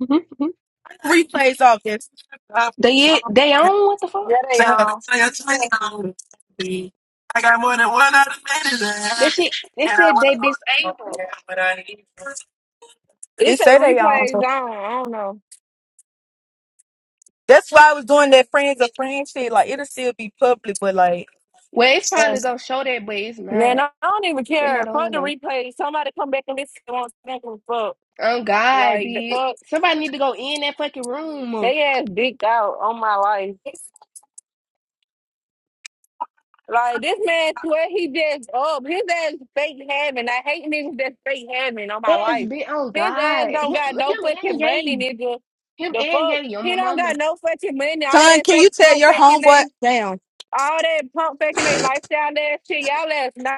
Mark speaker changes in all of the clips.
Speaker 1: Mhm, mhm.
Speaker 2: Replays off this. I
Speaker 1: They they own what the
Speaker 3: Yeah,
Speaker 1: fuck?
Speaker 3: they um,
Speaker 2: got more than one out of many to have
Speaker 1: That
Speaker 2: it.
Speaker 1: shit. They said they disabled.
Speaker 2: But I need one.
Speaker 3: it
Speaker 2: They
Speaker 3: say
Speaker 2: say they on.
Speaker 3: replays on. I don't know,
Speaker 2: That's why I was doing that friends of friends shit. Like it'll still be public, but like,
Speaker 1: Well, it's probably gonna show that, but it's
Speaker 3: man.
Speaker 1: not.
Speaker 3: I, I don't even
Speaker 1: They're not
Speaker 3: care. Fuck
Speaker 1: on
Speaker 3: the
Speaker 1: though.
Speaker 3: replays. Somebody come back and listen. to what I'm saying, fuck.
Speaker 1: On God,
Speaker 3: Like the
Speaker 1: bitch.
Speaker 3: fuck,
Speaker 1: Somebody need to go in that fucking room.
Speaker 3: they ass dicked out on my life. Like this man swear he just up. His ass fake having. I hate niggas that fake having on my
Speaker 1: That's
Speaker 3: life.
Speaker 1: been on
Speaker 3: His ass
Speaker 1: God.
Speaker 3: don't
Speaker 1: Him,
Speaker 3: got no
Speaker 1: him
Speaker 3: fucking
Speaker 1: and
Speaker 3: money,
Speaker 1: Yay.
Speaker 3: nigga.
Speaker 1: Him
Speaker 3: The
Speaker 1: and
Speaker 3: fuck,
Speaker 1: Yay on
Speaker 3: he
Speaker 1: my
Speaker 3: don't
Speaker 1: mama.
Speaker 3: got no fucking money. All
Speaker 2: Son,
Speaker 3: that
Speaker 2: can you
Speaker 3: fake
Speaker 2: tell
Speaker 3: pump
Speaker 2: your
Speaker 3: faking
Speaker 2: homeboy?
Speaker 3: they,
Speaker 2: Damn.
Speaker 3: all that pump faking they lifestyle ass shit. Y'all ass not.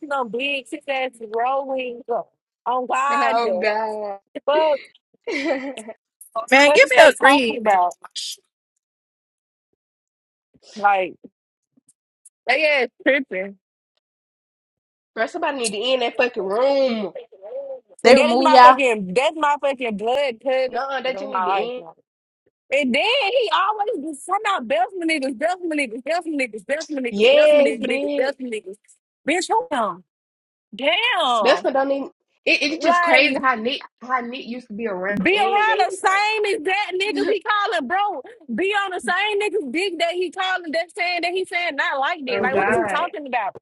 Speaker 3: you know, big six ass rolling up on God.
Speaker 1: Oh
Speaker 3: the
Speaker 1: God.
Speaker 3: Fuck,
Speaker 2: man,
Speaker 3: what
Speaker 2: give
Speaker 3: is
Speaker 2: me a
Speaker 3: they talking
Speaker 2: green, man.
Speaker 3: about? Like they ass tripping.
Speaker 1: Bro, somebody need to end that fucking room.
Speaker 4: They
Speaker 3: And that is
Speaker 4: remove
Speaker 3: my
Speaker 4: y'all.
Speaker 3: fucking that's my fucking blood cousin
Speaker 1: No, that you
Speaker 3: in
Speaker 1: need
Speaker 3: my
Speaker 1: to
Speaker 3: life.
Speaker 1: end.
Speaker 3: Like. And then he always be talking about Beltman niggas, Beltman niggas, Beltman niggas, Beltman niggas, Beltman
Speaker 1: Yes,
Speaker 3: niggas, Beltman niggas,
Speaker 1: bitch.
Speaker 3: Beltman niggas. Bitch, hold on.
Speaker 1: That's
Speaker 3: Damn.
Speaker 1: what don't even. It, it's just
Speaker 3: Like.
Speaker 1: crazy how Nick how Nick used to be around
Speaker 3: Be
Speaker 1: and
Speaker 3: around
Speaker 1: gay
Speaker 3: the same exact niggas
Speaker 1: like.
Speaker 3: he calling bro. Be on the same niggas dick that he calling that saying that he saying not like that.
Speaker 1: oh
Speaker 3: Like what is he
Speaker 1: God,
Speaker 3: talking about?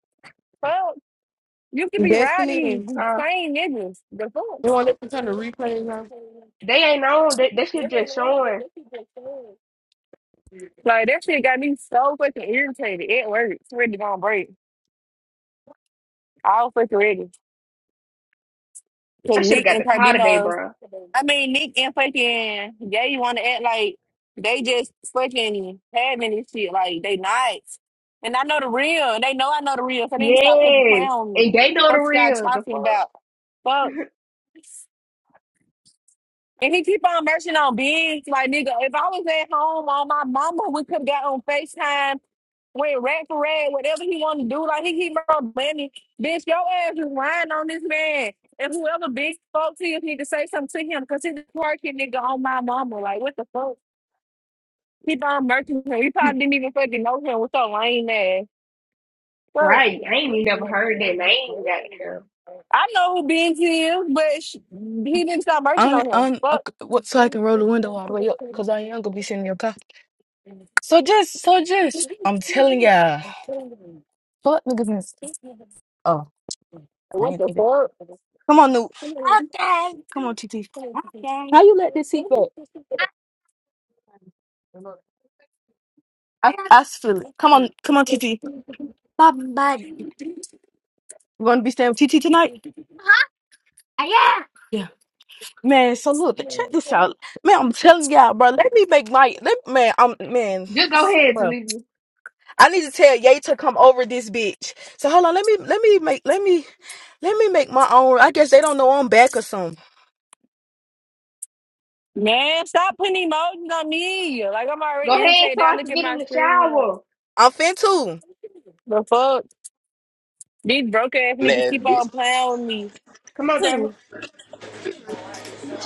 Speaker 3: Fuck. You could be
Speaker 5: Destiny,
Speaker 3: riding these
Speaker 1: huh?
Speaker 3: same niggas. The fuck.
Speaker 5: you want to listen to the replays? on?
Speaker 1: They ain't on. They they should just showing.
Speaker 3: Like that shit got me so fucking irritated at work. It's ready to go on break. I was fucking ready. Cause
Speaker 1: I should have
Speaker 3: Nick
Speaker 1: got
Speaker 3: and
Speaker 1: the car today,
Speaker 3: Carbino,
Speaker 1: bro.
Speaker 3: I mean Nick and fucking Gay want to act like they just fucking having this shit like they not. And I know the real. They know I know the real. So they need to stop fucking
Speaker 1: Yes,
Speaker 3: playing with
Speaker 1: and they
Speaker 3: me.
Speaker 1: know the
Speaker 3: Fuck y'all
Speaker 1: real. The
Speaker 3: talking
Speaker 1: fuck,
Speaker 3: about? Fuck. And he keep on merching on bigs. Like, nigga, if I was at home on my mama, we could have got on FaceTime, went rat for rat, whatever he wanted to do. Like, he keep on money. Bitch, your ass is lying on this man. And whoever big spoke to you need to say something to him because he's a twerking nigga on my mama. Like, what the fuck? Keep on merching him. He probably didn't even fucking know him. What's so lame ass? Well,
Speaker 1: right? I
Speaker 3: I
Speaker 1: ain't even never heard that name. That
Speaker 3: know who Biggs is, but sh he didn't stop merching
Speaker 2: I'm,
Speaker 3: on him.
Speaker 2: I'm, uh,
Speaker 3: Fuck.
Speaker 2: what, so I can roll the window all the way up because I am gonna be sitting in your car. So just, so just, I'm telling y'all, fuck niggas. and- Oh, I
Speaker 3: What the
Speaker 2: ain't.
Speaker 3: fuck?
Speaker 2: Come on, Noob. Okay. Come on, TT. Okay. How you let this seat back? I, I s- feel it. Come on, come on, TT. We're gonna be staying with TT tonight. I am. Yeah, man. So look, check this out, man. I'm telling y'all, bro. Let me make my let man. I'm man,
Speaker 1: just go ahead,
Speaker 2: bro.
Speaker 1: Jalisa.
Speaker 2: I need to tell Ye to come over this bitch. So hold on. Let me let me make let me let me make my own. I guess they don't know I'm back or something.
Speaker 3: Man, stop putting emojis on me. Like, I'm
Speaker 1: Go
Speaker 3: already
Speaker 1: ahead,
Speaker 3: irritated.
Speaker 1: so
Speaker 3: I
Speaker 1: I
Speaker 3: look
Speaker 1: can
Speaker 3: at
Speaker 1: get
Speaker 3: my
Speaker 1: in the
Speaker 3: screen. Like,
Speaker 1: shower.
Speaker 2: I'm fin too.
Speaker 3: the fuck? These broke ass niggas
Speaker 6: ass
Speaker 3: keep
Speaker 6: bitch.
Speaker 3: on playing
Speaker 1: Come on,
Speaker 3: with me.
Speaker 1: Jamie.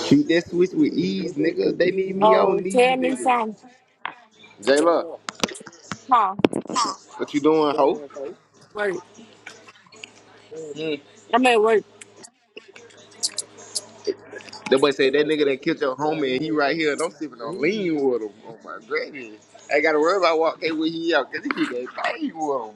Speaker 6: Shoot that switch with ease, nigga. They need me, I don't
Speaker 3: Oh, tell
Speaker 6: need
Speaker 3: me
Speaker 6: niggas.
Speaker 3: something.
Speaker 6: Jayla,
Speaker 3: Huh?
Speaker 6: what you doing, hoe?
Speaker 3: Wait.
Speaker 6: Hmm.
Speaker 3: I'm at
Speaker 6: That boy said that nigga that killed your homie and he right
Speaker 3: work.
Speaker 6: here and I'm sipping on lean with him. Oh my goodness, I ain't gotta worry about walking where he out, cause he keep that thing with him.